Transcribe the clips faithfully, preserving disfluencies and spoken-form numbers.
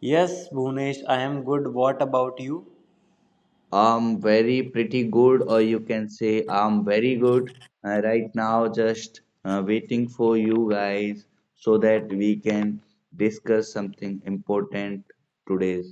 Yes, Bhunesh, I am good. What about you? I'm very pretty good, or you can say I'm very good uh, right now. Just uh, waiting for you guys so that we can discuss something important today.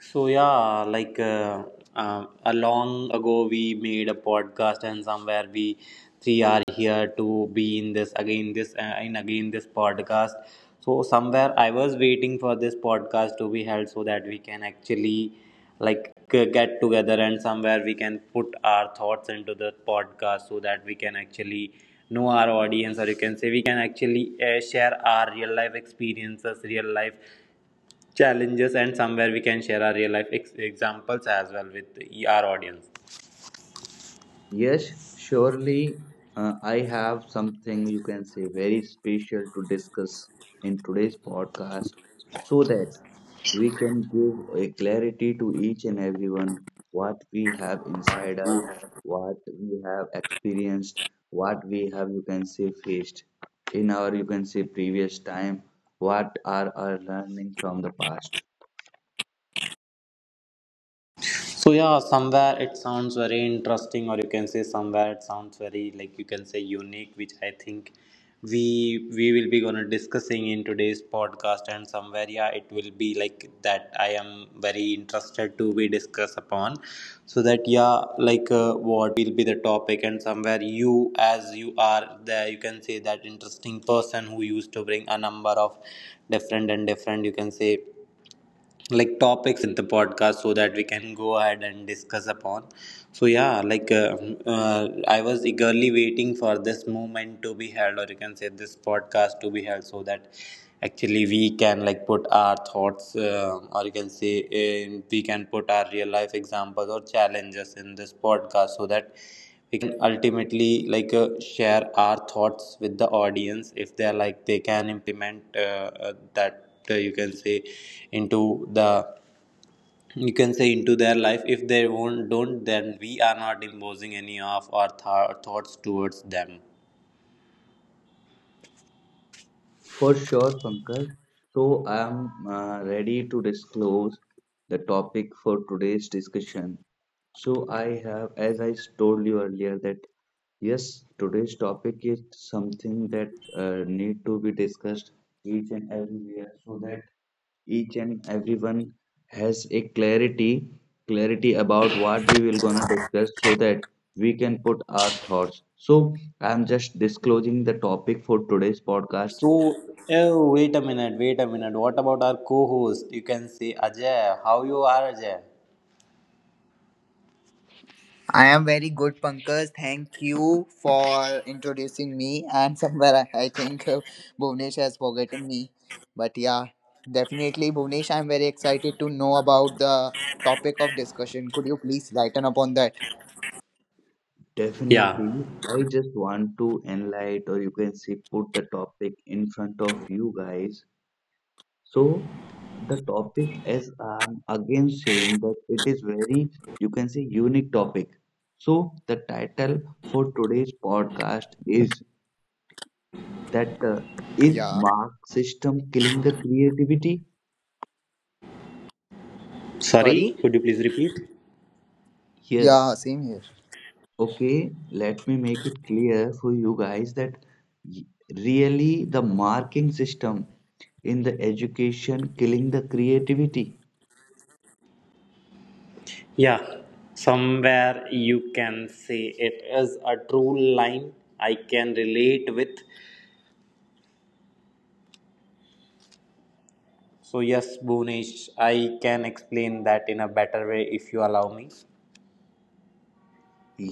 So yeah, like uh, uh, a long ago we made a podcast, and somewhere we three are here to be in this again, this uh, in again this podcast. So somewhere I was waiting for this podcast to be held so that we can actually like g- get together, and somewhere we can put our thoughts into the podcast so that we can actually know our audience, or you can say we can actually uh, share our real life experiences, real life challenges, and somewhere we can share our real life ex- examples as well with our audience. Yes, surely uh, I have something you can say very special to discuss in today's podcast so that we can give a clarity to each and everyone what we have inside us, what we have experienced, what we have, you can say, faced in our, you can say, previous time, what are our learning from the past. So yeah, somewhere it sounds very interesting, or you can say somewhere it sounds very like you can say unique, which I think we we will be gonna discussing in today's podcast, and somewhere yeah, it will be like that. I am very interested to be discuss upon, so that yeah, like uh, what be the topic, and somewhere you as you are there, you can say that interesting person who used to bring a number of different and different, you can say like topics in the podcast so that we can go ahead and discuss upon. So yeah, like uh, uh, I was eagerly waiting for this moment to be held, or you can say this podcast to be held, so that actually we can like put our thoughts, uh, or you can say uh, we can put our real life examples or challenges in this podcast, so that we can ultimately like uh, share our thoughts with the audience, if they are like, they can implement uh, uh, that, uh, you can say, into the, you can say, into their life. If they won't, don't, then we are not imposing any of our th- thoughts towards them. For sure, Pankaj. So I'm uh, ready to disclose the topic for today's discussion. So I have, as I told you earlier, that yes, today's topic is something that uh, need to be discussed each and everywhere so that each and everyone has a clarity, clarity about what we will gonna discuss so that we can put our thoughts. So I'm just disclosing the topic for today's podcast. So oh, wait a minute, wait a minute, what about our co-host, you can say Ajay? How you are, Ajay? I am very good, Pankaj. Thank you for introducing me. And somewhere I, I think uh, Bhuvnesh has forgotten me. But yeah, definitely, Bhuvnesh, I'm very excited to know about the topic of discussion. Could you please lighten upon that? Yeah, Definitely, I just want to enlighten, or you can say, put the topic in front of you guys. So, the topic is um, again saying that it is very, you can say, unique topic. So, the title for today's podcast is that uh, is Yeah, Mark system killing the creativity? sorry. sorry, could you please repeat? Yeah, Yes. same here. Okay, let me make it clear for you guys that y- really the marking system in the education killing the creativity. Yeah, somewhere you can say it is a true line I can relate with. So yes, Bhunesh, I can explain that in a better way if you allow me.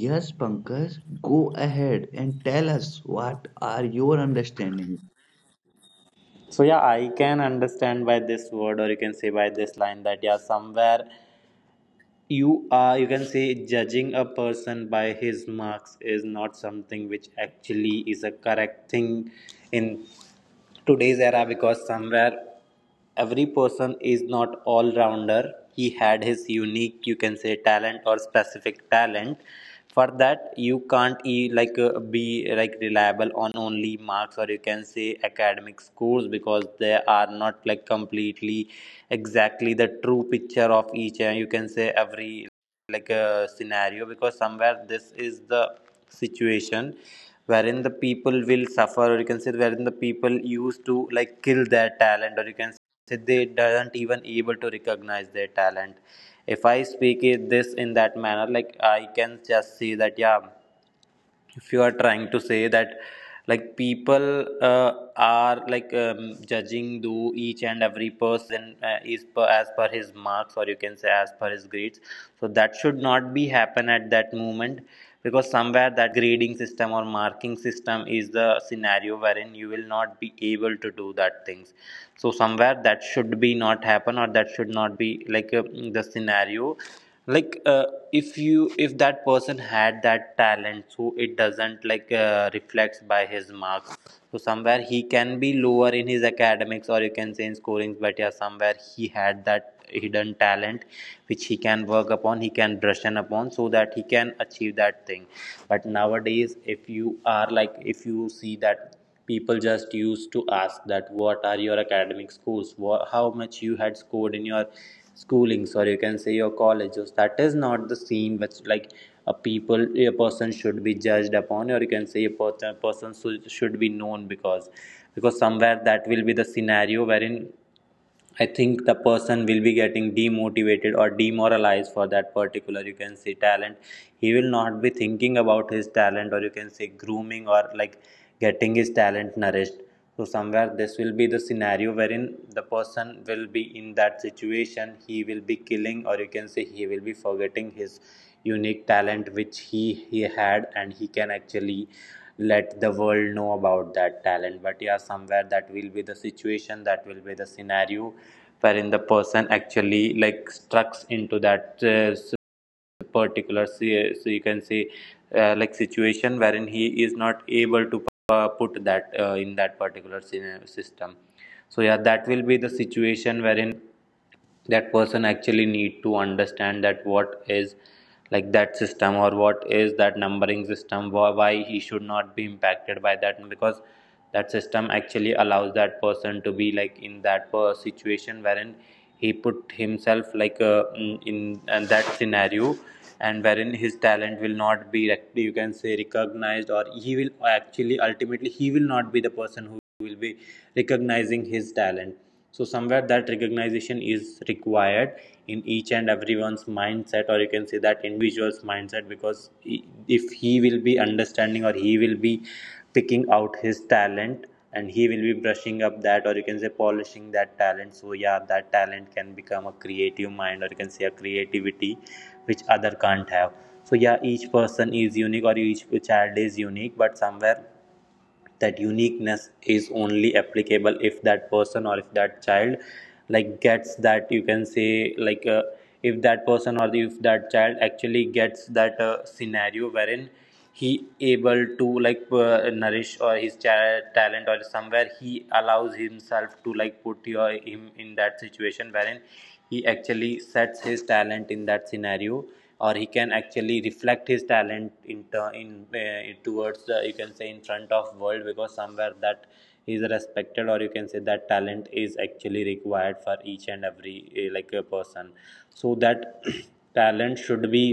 Yes, Pankaj, go ahead and tell us what are your understandings. So yeah, I can understand by this word, or you can say by this line, that yeah, somewhere you are, you can say, judging a person by his marks is not something which actually is a correct thing in today's era, because somewhere every person is not all rounder. He had his unique, you can say, talent or specific talent. For that you can't e- like uh, be like reliable on only marks, or you can say academic scores, because they are not like completely exactly the true picture of each and you can say every like uh, scenario, because somewhere this is the situation wherein the people will suffer, or you can say wherein the people used to like kill their talent, or you can say they doesn't even able to recognize their talent. If I speak it this in that manner, like I can just see that yeah, if you are trying to say that like people uh, are like um, judging do each and every person in uh, is per, as per his marks, or you can say as per his grades, so that should not be happen at that moment, because somewhere that grading system or marking system is the scenario wherein you will not be able to do that things. So somewhere that should be not happen, or that should not be like uh, the scenario, like uh, if you, if that person had that talent, so it doesn't like uh, reflects by his marks, so somewhere he can be lower in his academics, or you can say in scorings, but yeah, somewhere he had that hidden talent which he can work upon, he can brush in upon, so that he can achieve that thing. But nowadays, if you are like, if you see that people just used to ask that what are your academic scores, what, how much you had scored in your schoolings, or you can say your colleges, that is not the scene which like a people a person should be judged upon, or you can say a person, person should should be known, because because somewhere that will be the scenario wherein I think the person will be getting demotivated or demoralized for that particular, you can say, talent. He will not be thinking about his talent, or you can say grooming, or like getting his talent nourished. So somewhere this will be the scenario wherein the person will be in that situation, he will be killing, or you can say he will be forgetting his unique talent which he he had, and he can actually let the world know about that talent. But yeah, somewhere that will be the situation, that will be the scenario wherein the person actually like strucks into that uh, particular, so you can say uh, like situation wherein he is not able to uh, put that uh, in that particular system. So yeah, that will be the situation wherein that person actually need to understand that what is like that system, or what is that numbering system, why he should not be impacted by that, because that system actually allows that person to be like in that situation wherein he put himself like uh, in, in that scenario, and wherein his talent will not be, you can say, recognized, or he will actually ultimately he will not be the person who will be recognizing his talent. So somewhere that recognition is required in each and everyone's mindset, or you can say that individual's mindset, because if he will be understanding, or he will be picking out his talent, and he will be brushing up that, or you can say polishing that talent, so yeah, that talent can become a creative mind, or you can say a creativity which other can't have. So yeah, each person is unique, or each child is unique, but somewhere that uniqueness is only applicable if that person or if that child like gets that, you can say, like uh, if that person or if that child actually gets that uh, scenario wherein he able to like uh, nourish or his cha- talent, or somewhere he allows himself to like put your, him in that situation wherein he actually sets his talent in that scenario, or he can actually reflect his talent in in uh, towards the, you can say, in front of world, because somewhere that is respected, or you can say that talent is actually required for each and every uh, like a person, so that talent should be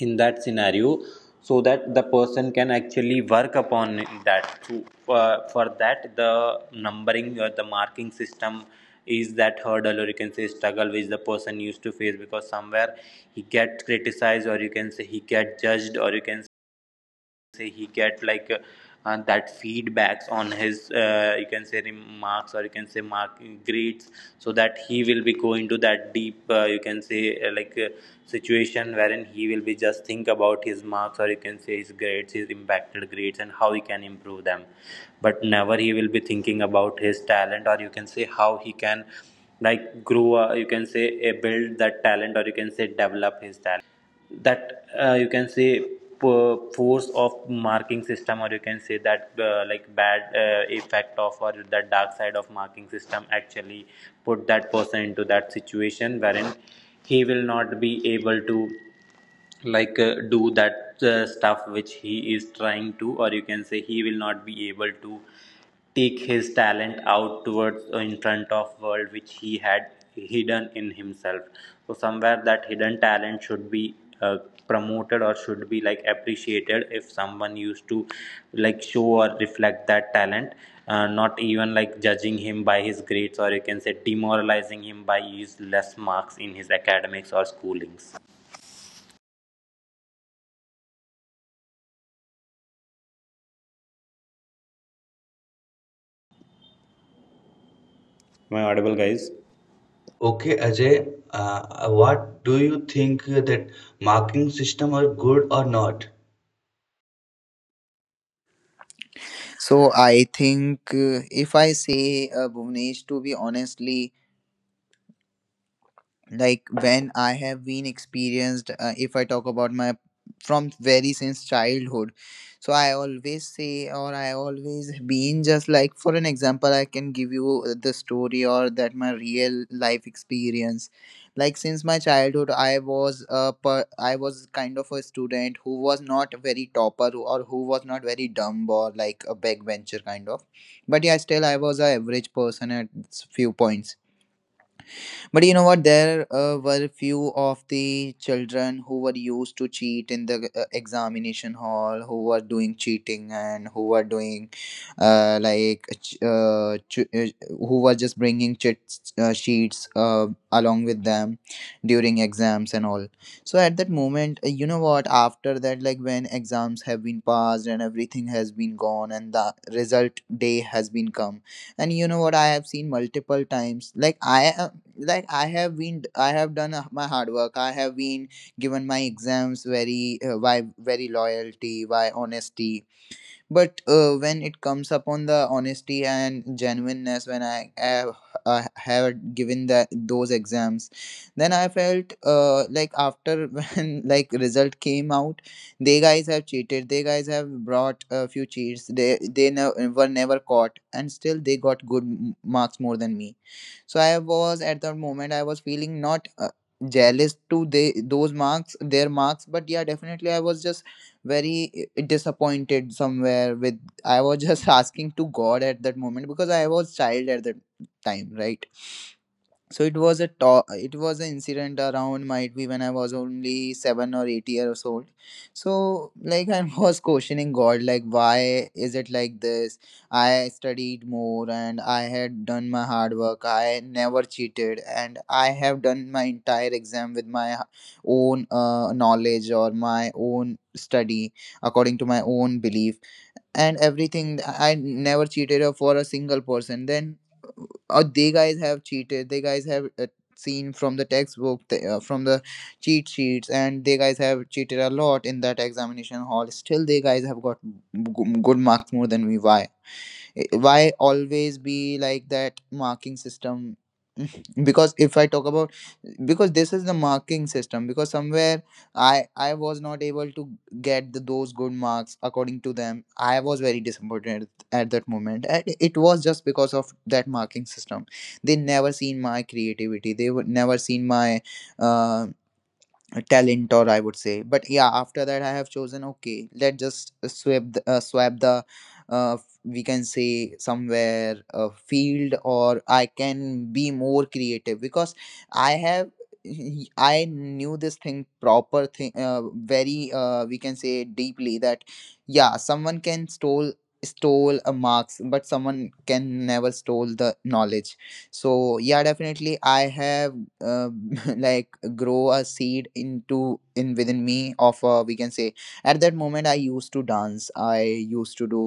in that scenario, so that the person can actually work upon that to, uh, for that. The numbering or the marking system is that hurdle, or you can say struggle, which the person used to face, because somewhere he get criticized, or you can say he get judged, or you can say he get like uh, uh, that feedbacks on his uh, you can say remarks, or you can say mark grades, so that he will be go into that deep uh, you can say uh, like uh, situation wherein he will be just think about his marks, or you can say his grades, his impacted grades, and how he can improve them, but never he will be thinking about his talent, or you can say how he can like grow uh, you can say uh, build that talent, or you can say develop his talent. That uh, you can say p- force of marking system, or you can say that uh, like bad uh, effect of, or that dark side of marking system, actually put that person into that situation wherein he will not be able to like uh, do that uh, stuff which he is trying to, or you can say he will not be able to take his talent out towards uh, in front of world which he had hidden in himself. So somewhere that hidden talent should be uh, promoted, or should be like appreciated, if someone used to like show or reflect that talent, uh, not even like judging him by his grades, or you can say demoralizing him by his less marks in his academics or schoolings. Am I audible, guys? Okay, Ajay, uh, what do you think that marking system are good or not? So I think uh, if I say uh, Bhuvnesh, to be honestly, like when I have been experienced uh, if I talk about my from very since childhood, so I always say or I always been, just like for an example, I can give you uh, the story or that my real life experience. Like since my childhood, I was a per- I was kind of a student who was not very topper or who was not very dumb or like a backbencher kind of, but yeah, still I was a average person at few points. But you know what? There uh, were few of the children who were used to cheat in the uh, examination hall, who were doing cheating and who were doing uh, like ch- uh, ch- uh, who were just bringing chits, uh, sheets uh, along with them during exams and all. So at that moment, uh, you know what? After that, like when exams have been passed and everything has been gone and the result day has been come, and you know what, I have seen multiple times, like I am like, I have been, I have done uh, my hard work, I have been given my exams very uh, by very loyalty, by honesty, but uh, when it comes upon the honesty and genuineness, when I have, I have given that those exams, then I felt uh, like after when like result came out, they guys have cheated. They guys have brought a few cheats. They they ne- were never caught, and still they got good m- marks more than me. So I was, at that moment I was feeling not uh, jealous to they those marks, their marks, but yeah, definitely I was just very eh, disappointed somewhere. With I was just asking to God at that moment, because I was child at that time, right? So it was a to- it was an incident around might be when I was only seven or eight years old. So like I was questioning God, like why is it like this? I studied more and I had done my hard work. I never cheated and I have done my entire exam with my h- own uh, knowledge or my own study according to my own belief and everything. I never cheated for a single person. Then or they guys have cheated, they guys have uh, seen from the textbook th- uh, from the cheat sheets, and they guys have cheated a lot in that examination hall. Still they guys have got g- good marks more than me. Why I- why always be like that marking system? Because if I talk about, because this is the marking system, because somewhere i i was not able to get the those good marks according to them, I was very disappointed at that moment. And it was just because of that marking system, they never seen my creativity, they would never seen my um a talent, or I would say. But yeah, after that, I have chosen, okay, let's just swap the, uh, swap the, uh, we can say somewhere a field, or I can be more creative, because I have I knew this thing, proper thing, uh, very uh, we can say deeply, that yeah, someone can stole, stole a marks, but someone can never stole the knowledge. So yeah, definitely I have uh, like grow a seed into in within me of uh, we can say. At that moment I used to dance, I used to do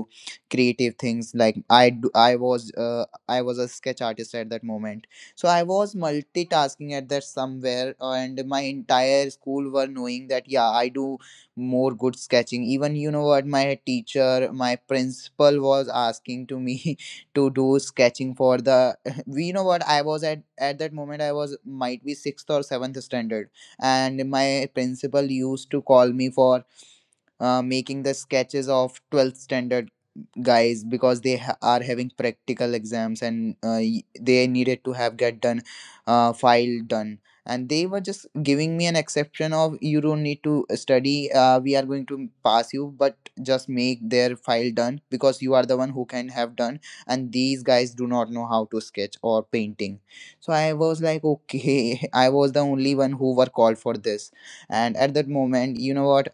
creative things, like I do, i was uh, I was a sketch artist at that moment. So I was multitasking at that somewhere, uh, and my entire school were knowing that yeah, I do more good sketching. Even you know what, my teacher, my principal was asking to me to do sketching for the, we know what, I was at at that moment I was might be sixth or seventh standard, and my principal used to call me for uh, making the sketches of twelfth standard guys, because they ha- are having practical exams and uh, y- they needed to have get done uh, file done, and they were just giving me an exception of, you don't need to study, uh, we are going to pass you, but just make their file done, because you are the one who can have done, and these guys do not know how to sketch or painting. So I was like, okay. I was the only one who were called for this. And at that moment, you know what,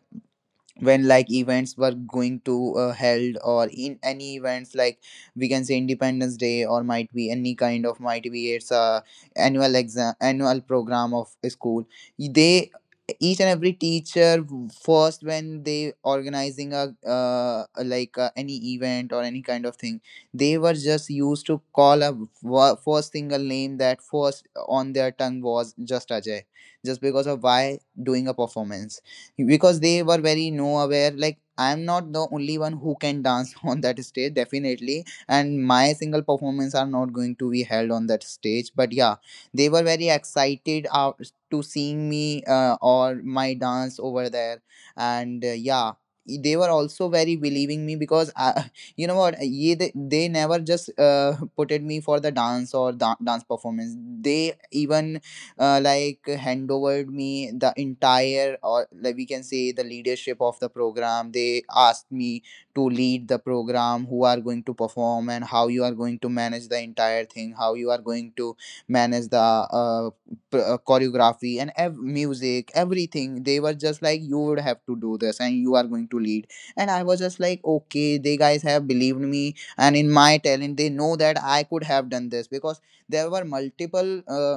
when like events were going to uh, held, or in any events, like we can say Independence Day, or might be any kind of, might be it's a annual exam, annual program of a school, they, each and every teacher, first when they organizing a uh, like uh, any event or any kind of thing, they were just used to call a wa- first single name, that first on their tongue was just Ajay, just because of why, doing a performance, because they were very, no, aware, like I'm not the only one who can dance on that stage, definitely, and my single performance are not going to be held on that stage. But yeah, they were very excited out to seeing me uh, or my dance over there. And uh, yeah, they were also very believing me, because I, you know what, ye, they, they never just uh, put it me for the dance or da- dance performance. They even uh, like hand over me the entire, or like we can say the leadership of the program. They asked me to lead the program, who are going to perform, and how you are going to manage the entire thing, how you are going to manage the uh, pr- uh, choreography and ev- music, everything. They were just like, you would have to do this and you are going to lead. And I was just like, okay, they guys have believed me and in my talent, they know that I could have done this. Because there were multiple uh,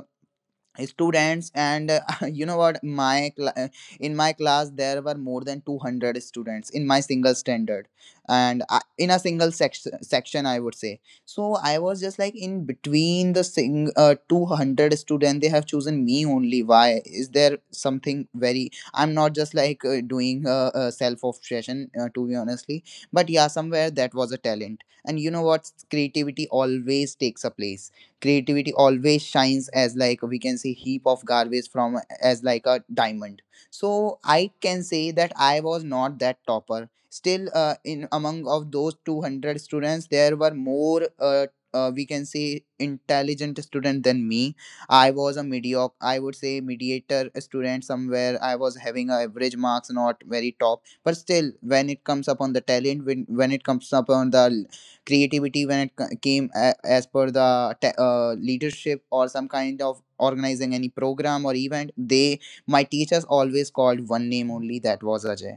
students and uh, you know what, my cla- uh, in my class there were more than two hundred students in my single standard, and I, in a single section section I would say. So I was just like in between the sing uh, two hundred student, they have chosen me only. Why? Is there something very, I'm not just like uh, doing uh, uh, self obsession, uh, to be honestly, but yeah, somewhere that was a talent. And you know what, creativity always takes a place, creativity always shines as like we can say heap of garbage from as like a diamond. So I can say that I was not that topper. Still uh, in among of those two hundred students there were more uh, uh, we can say intelligent student than me. I was a mediocre, I would say mediator student somewhere. I was having a average marks, not very top. But still, when it comes upon the talent, when, when it comes upon the creativity, when it came a- as per the te- uh, leadership or some kind of organizing any program or event, they, my teachers always called one name only, that was Ajay.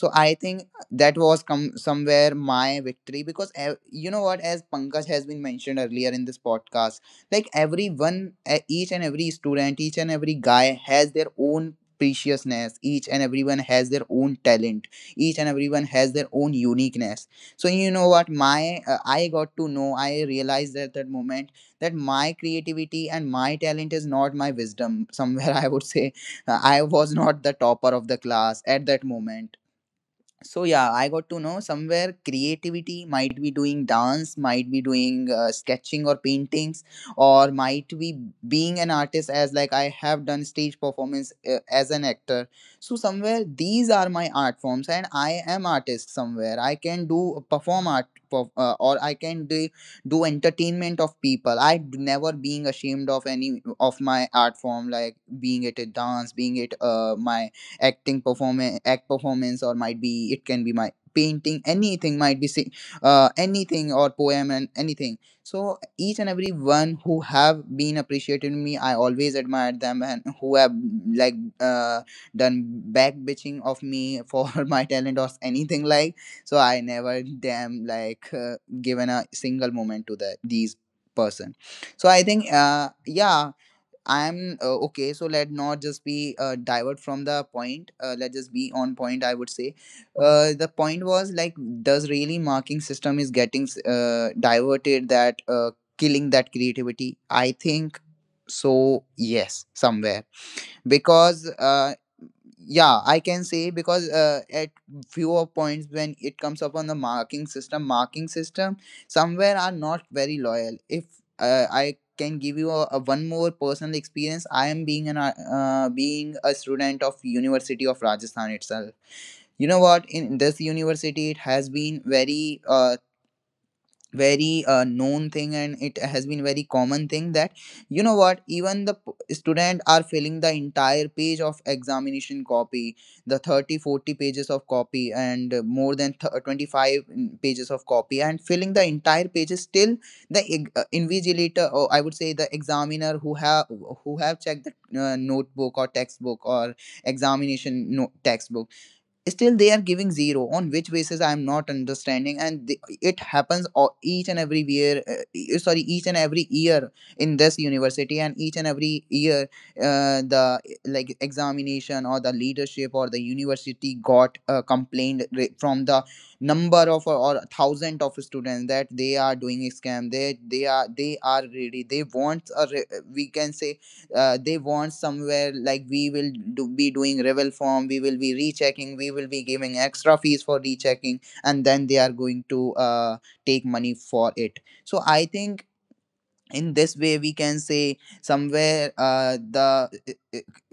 So I think that was come somewhere my victory. Because ev- you know what, as Pankaj has been mentioned earlier in this podcast, like everyone, e- each and every student, each and every guy has their own preciousness, each and everyone has their own talent, each and everyone has their own uniqueness. So you know what, my uh, I got to know, I realized at that moment that my creativity and my talent is not my wisdom somewhere. I would say uh, I was not the topper of the class at that moment. So yeah, I got to know somewhere creativity, might be doing dance, might be doing uh, sketching or paintings, or might be being an artist as like I have done stage performance uh, as an actor. So somewhere these are my art forms, and I am artist somewhere. I can do perform art. Perf- Uh, or I can do, do entertainment of people. I d- never being ashamed of any of my art form, like being it a dance, being it uh, my acting performance act performance or might be it can be my painting, anything, might be sing, uh, anything or poem and anything. So each and every one who have been appreciated me, I always admired them, and who have like uh, done back bitching of me for my talent or anything like, so I never damn like uh, given a single moment to the these person. So I think uh yeah I'm uh, okay, so let not just be uh, divert from the point. Uh, let just be on point. I would say, uh, the point was like, does really marking system is getting uh, diverted that uh, killing that creativity? I think so. Yes, somewhere because uh, yeah, I can say, because uh, at few of points, when it comes up on the marking system marking system, somewhere are not very loyal. If uh, I can give you a, a one more personal experience, I am being an uh, uh, being a student of University of Rajasthan itself. You know what, in this university it has been very uh, very uh, known thing, and it has been very common thing that, you know what, even the p- student are filling the entire page of examination copy, the thirty forty pages of copy, and uh, more than th- 25 mm, pages of copy, and filling the entire pages, still the eg- uh, invigilator, or I would say the examiner, who have who have checked the uh, notebook or textbook or examination no- textbook, still they are giving zero. On which basis? I am not understanding. And the, it happens o- each and every year, uh, e- sorry, each and every year in this university, and each and every year uh, the like examination or the leadership or the university got uh, complained re- from the number of, or, or thousand of students, that they are doing a scam. They they are they are ready, they want a re-, we can say uh, they want somewhere like, we will do, be doing revel form, we will be rechecking, we will be giving extra fees for rechecking, and then they are going to uh, take money for it. So I think in this way we can say somewhere uh, the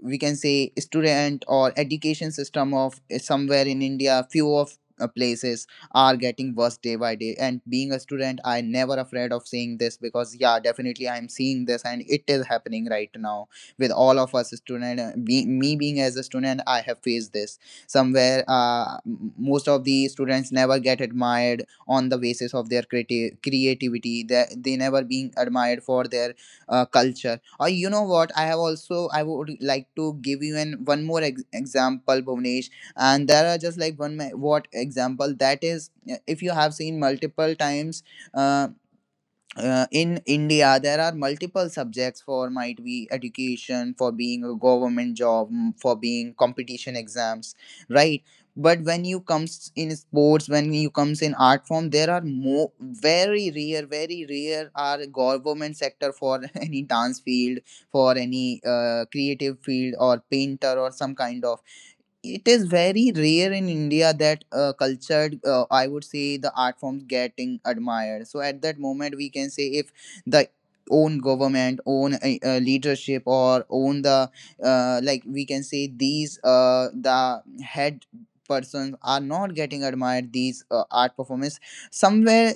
we can say student or education system of eh, somewhere in India, few of uh, places are getting worse day by day. And being a student, I never afraid of saying this, because yeah, definitely I'm seeing this and it is happening right now with all of us student. Uh, be, me being as a student, I have faced this somewhere. Uh, m- most of the students never get admired on the basis of their creati- creativity. they, they never being admired for their uh, culture. Or you know what, I have also, I would like to give you an one more ex- example, Bhuvnesh. And there are just like one ma- what example, that is uh, if you have seen multiple times uh, uh, in India, there are multiple subjects for might be education, for being a government job, mm, for being competition exams, right? But when you comes in sports, when you comes in art form, there are more very rare, very rare are government sector for any dance field, for any uh, creative field or painter or some kind of. It is very rare in India that uh, cultured, uh, I would say, the art forms getting admired. So at that moment, we can say if the own government, own uh, uh, leadership, or own the uh, like we can say these uh, the head persons are not getting admired these uh, art performance somewhere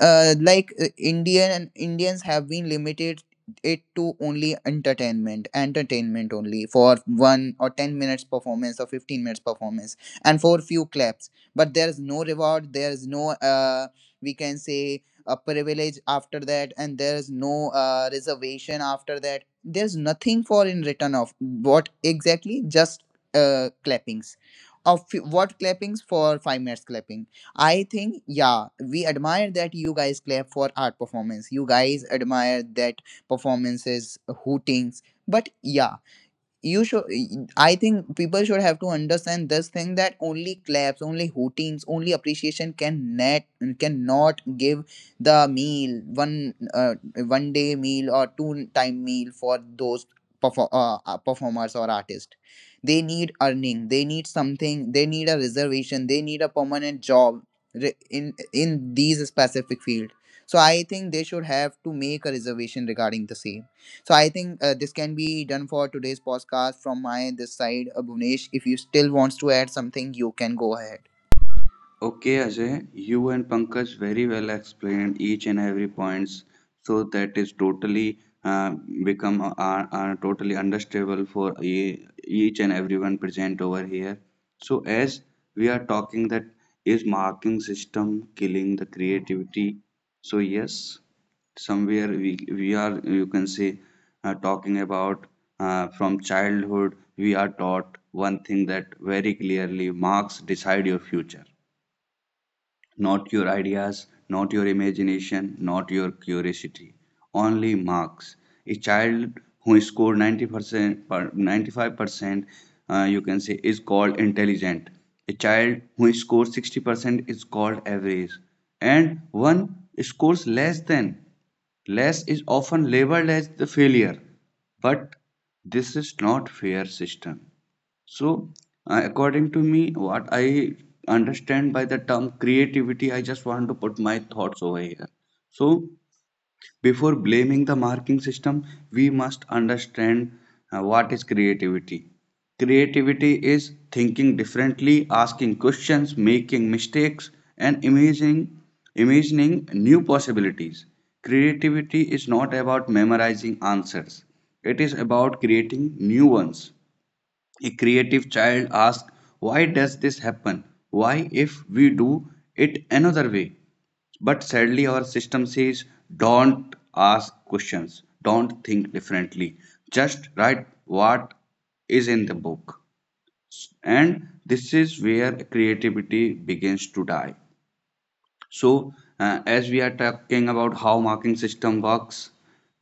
uh, like uh, indian indians have been limited it to only entertainment entertainment only for one or ten minutes performance or fifteen minutes performance and for few claps. But there's no reward, there's no uh, we can say a privilege after that, and there's no uh, reservation after that. There's nothing for in return of what exactly, just uh, clappings of few- what, clappings for five minutes clapping. I think, yeah, we admire that you guys clap for art performance. You guys admire that performances, hootings. But yeah, you should, I think people should have to understand this thing, that only claps, only hootings, only appreciation can net cannot give the meal, one uh, one day meal or two time meal for those perfor- uh, uh, performers or artists. They need earning, they need something, they need a reservation, they need a permanent job re- in in these specific field. So I think they should have to make a reservation regarding the same. So I think uh, this can be done for today's podcast from my this side, uh, Bhuvnesh. If you still wants to add something, you can go ahead. Okay, Ajay, you and Pankaj very well explained each and every points, so that is totally uh, become uh, are, are totally understandable for e- each and everyone present over here. So as we are talking that is marking system killing the creativity. So yes, somewhere we we are you can say uh, talking about uh, from childhood we are taught one thing that very clearly marks decide your future, not your ideas, not your imagination, not your curiosity. Only marks. A child who scored ninety percent, ninety-five percent, uh, you can say, is called intelligent. A child who scores sixty percent is called average. And one scores less than. Less is often labeled as the failure. But this is not fair system. So, uh, according to me, what I understand by the term creativity, I just want to put my thoughts over here. So, before blaming the marking system, we must understand uh, what is creativity. Creativity is thinking differently, asking questions, making mistakes, and imagining, imagining new possibilities. Creativity is not about memorizing answers, it is about creating new ones. A creative child asks, "Why does this happen? Why if we do it another way?" But sadly, our system says, "Don't ask questions, don't think differently, just write what is in the book." And this is where creativity begins to die. So, uh, as we are talking about how marking system works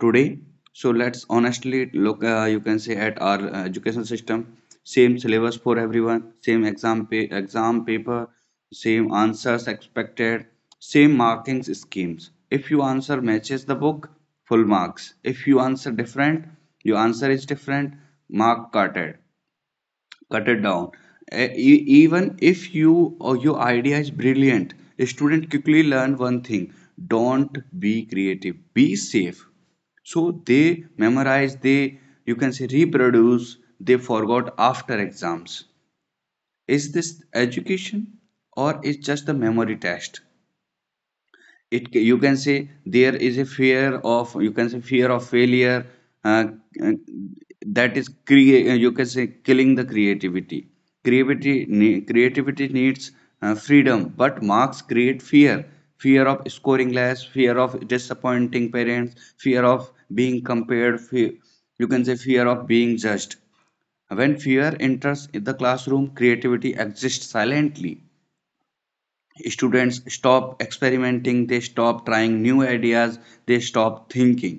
today, so let's honestly look Uh, you can say at our uh, education system. Same syllabus for everyone, same exam pa- exam paper, same answers expected, same marking schemes. If you answer matches the book, full marks. If you answer different, your answer is different, mark cutted cut it down. E- e- even if you or your idea is brilliant, a student quickly learn one thing, don't be creative, be safe. So they memorize, they you can say reproduce, they forgot after exams. Is this education or is just a memory test? It you can say there is a fear of you can say fear of failure uh, uh, that is create you can say killing the creativity. Creativity ne- creativity needs uh, freedom, but marks create fear, fear of scoring less, fear of disappointing parents, fear of being compared, fear, you can say fear of being judged. When fear enters the classroom, creativity exists silently. Students stop experimenting, they stop trying new ideas, they stop thinking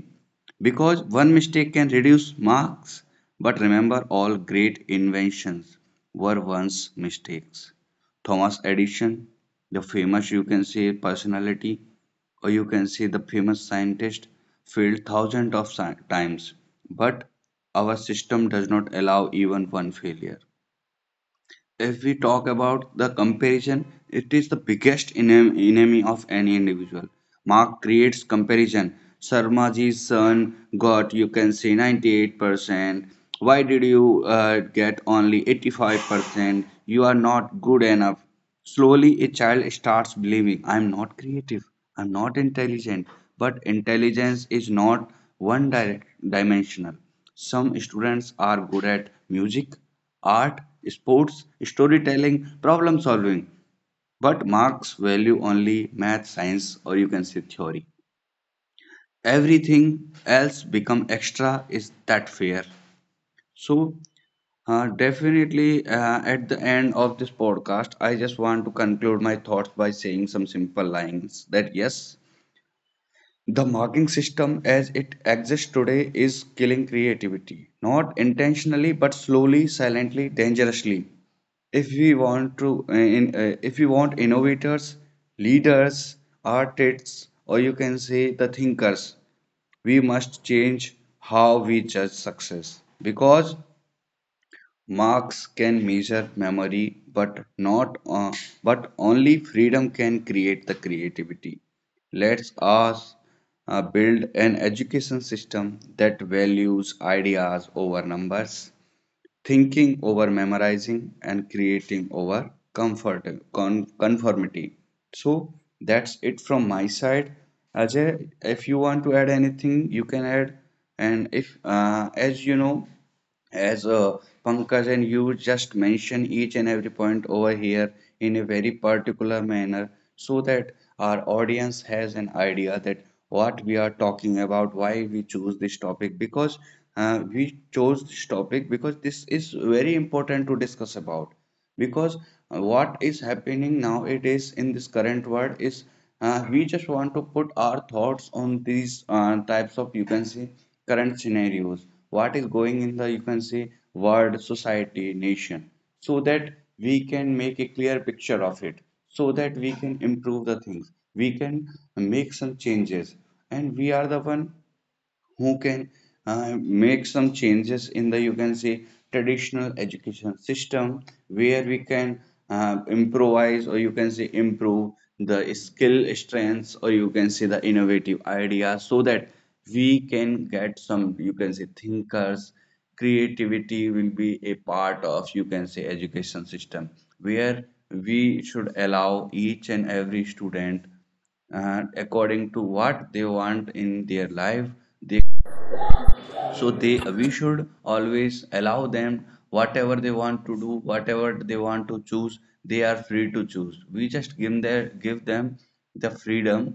because one mistake can reduce marks. But remember, all great inventions were once mistakes. Thomas Edison, the famous you can say personality or you can say the famous scientist, failed thousands of si- times, but our system does not allow even one failure. If we talk about the comparison, it is the biggest enem- enemy of any individual. Mark creates comparison. Sarmaji's son got, you can say, ninety-eight percent. Why did you uh, get only eighty-five percent? You are not good enough. Slowly, a child starts believing, "I'm not creative, I'm not intelligent." But intelligence is not one direct dimensional. Some students are good at music, art, sports, storytelling, problem solving. But marks value only math, science, or you can say theory. Everything else become extra. Is that fair? So uh, definitely, uh, at the end of this podcast, I just want to conclude my thoughts by saying some simple lines that yes, the marking system as it exists today is killing creativity, not intentionally, but slowly, silently, dangerously. If we want to, uh, in, uh, if we want innovators, leaders, artists, or you can say the thinkers, we must change how we judge success, because Marx can measure memory, but not uh, but only freedom can create the creativity. Let's us uh, build an education system that values ideas over numbers, thinking over memorizing, and creating over comfort con- conformity. So that's it from my side. Ajay, if you want to add anything, you can add. And if, uh, as you know, as uh, Pankaj and you just mention each and every point over here in a very particular manner so that our audience has an idea that what we are talking about, why we choose this topic, because uh, we chose this topic because this is very important to discuss about, because uh, what is happening now, it is in this current world is uh, we just want to put our thoughts on these uh, types of you can see current scenarios, what is going in the you can see world, society, nation, so that we can make a clear picture of it, so that we can improve the things, we can make some changes, and we are the one who can uh, make some changes in the you can say traditional education system where we can uh, improvise or you can say improve the skill strengths or you can say the innovative ideas so that we can get some you can say thinkers. Creativity will be a part of you can say education system where we should allow each and every student uh, according to what they want in their life they, so they we should always allow them whatever they want to do, whatever they want to choose, they are free to choose, we just give their give them the freedom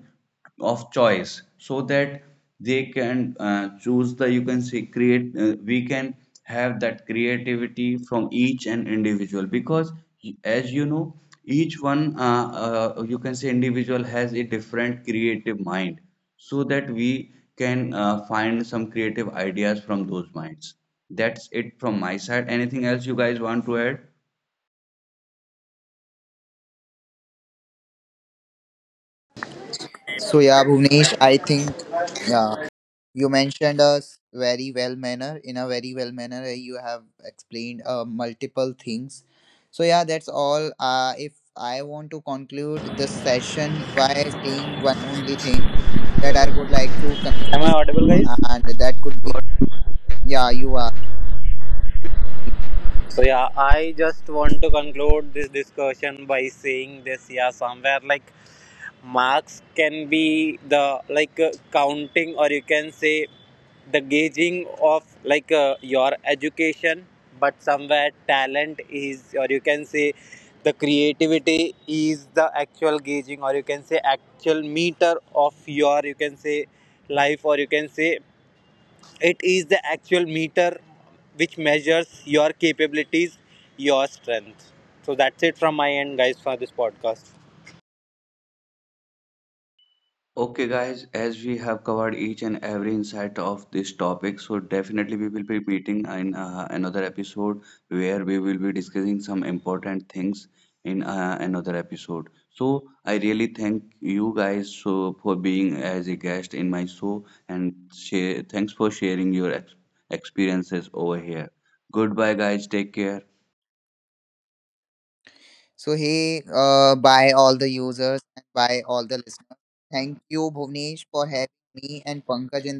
of choice so that they can uh, choose the you can say create uh, we can have that creativity from each and individual, because as you know each one uh, uh, you can say individual has a different creative mind so that we can uh, find some creative ideas from those minds. That's it from my side. Anything else you guys want to add? So yeah, Bhuvnesh, I think yeah, you mentioned us very well manner, in a very well manner. uh, You have explained uh, multiple things. So yeah, that's all. Uh, if I want to conclude this session by saying one only thing that I would like to Am I confess, audible, guys? and that could be yeah, you are. So yeah, I just want to conclude this discussion by saying this. Yeah, somewhere like marks can be the like uh, counting, or you can say the gauging of like uh, your education. But somewhere talent is, or you can say the creativity is the actual gauging, or you can say actual meter of your, you can say life, or you can say, it is the actual meter which measures your capabilities, your strength. So that's it from my end, guys, for this podcast. Okay, guys, as we have covered each and every insight of this topic, so definitely we will be meeting in uh, another episode where we will be discussing some important things in uh, another episode. So I really thank you guys so for being as a guest in my show and share, thanks for sharing your ex experiences over here. Goodbye, guys. Take care. So he uh, by all the users and by all the listeners, thank you Bhuvnesh for having me and Pankaj in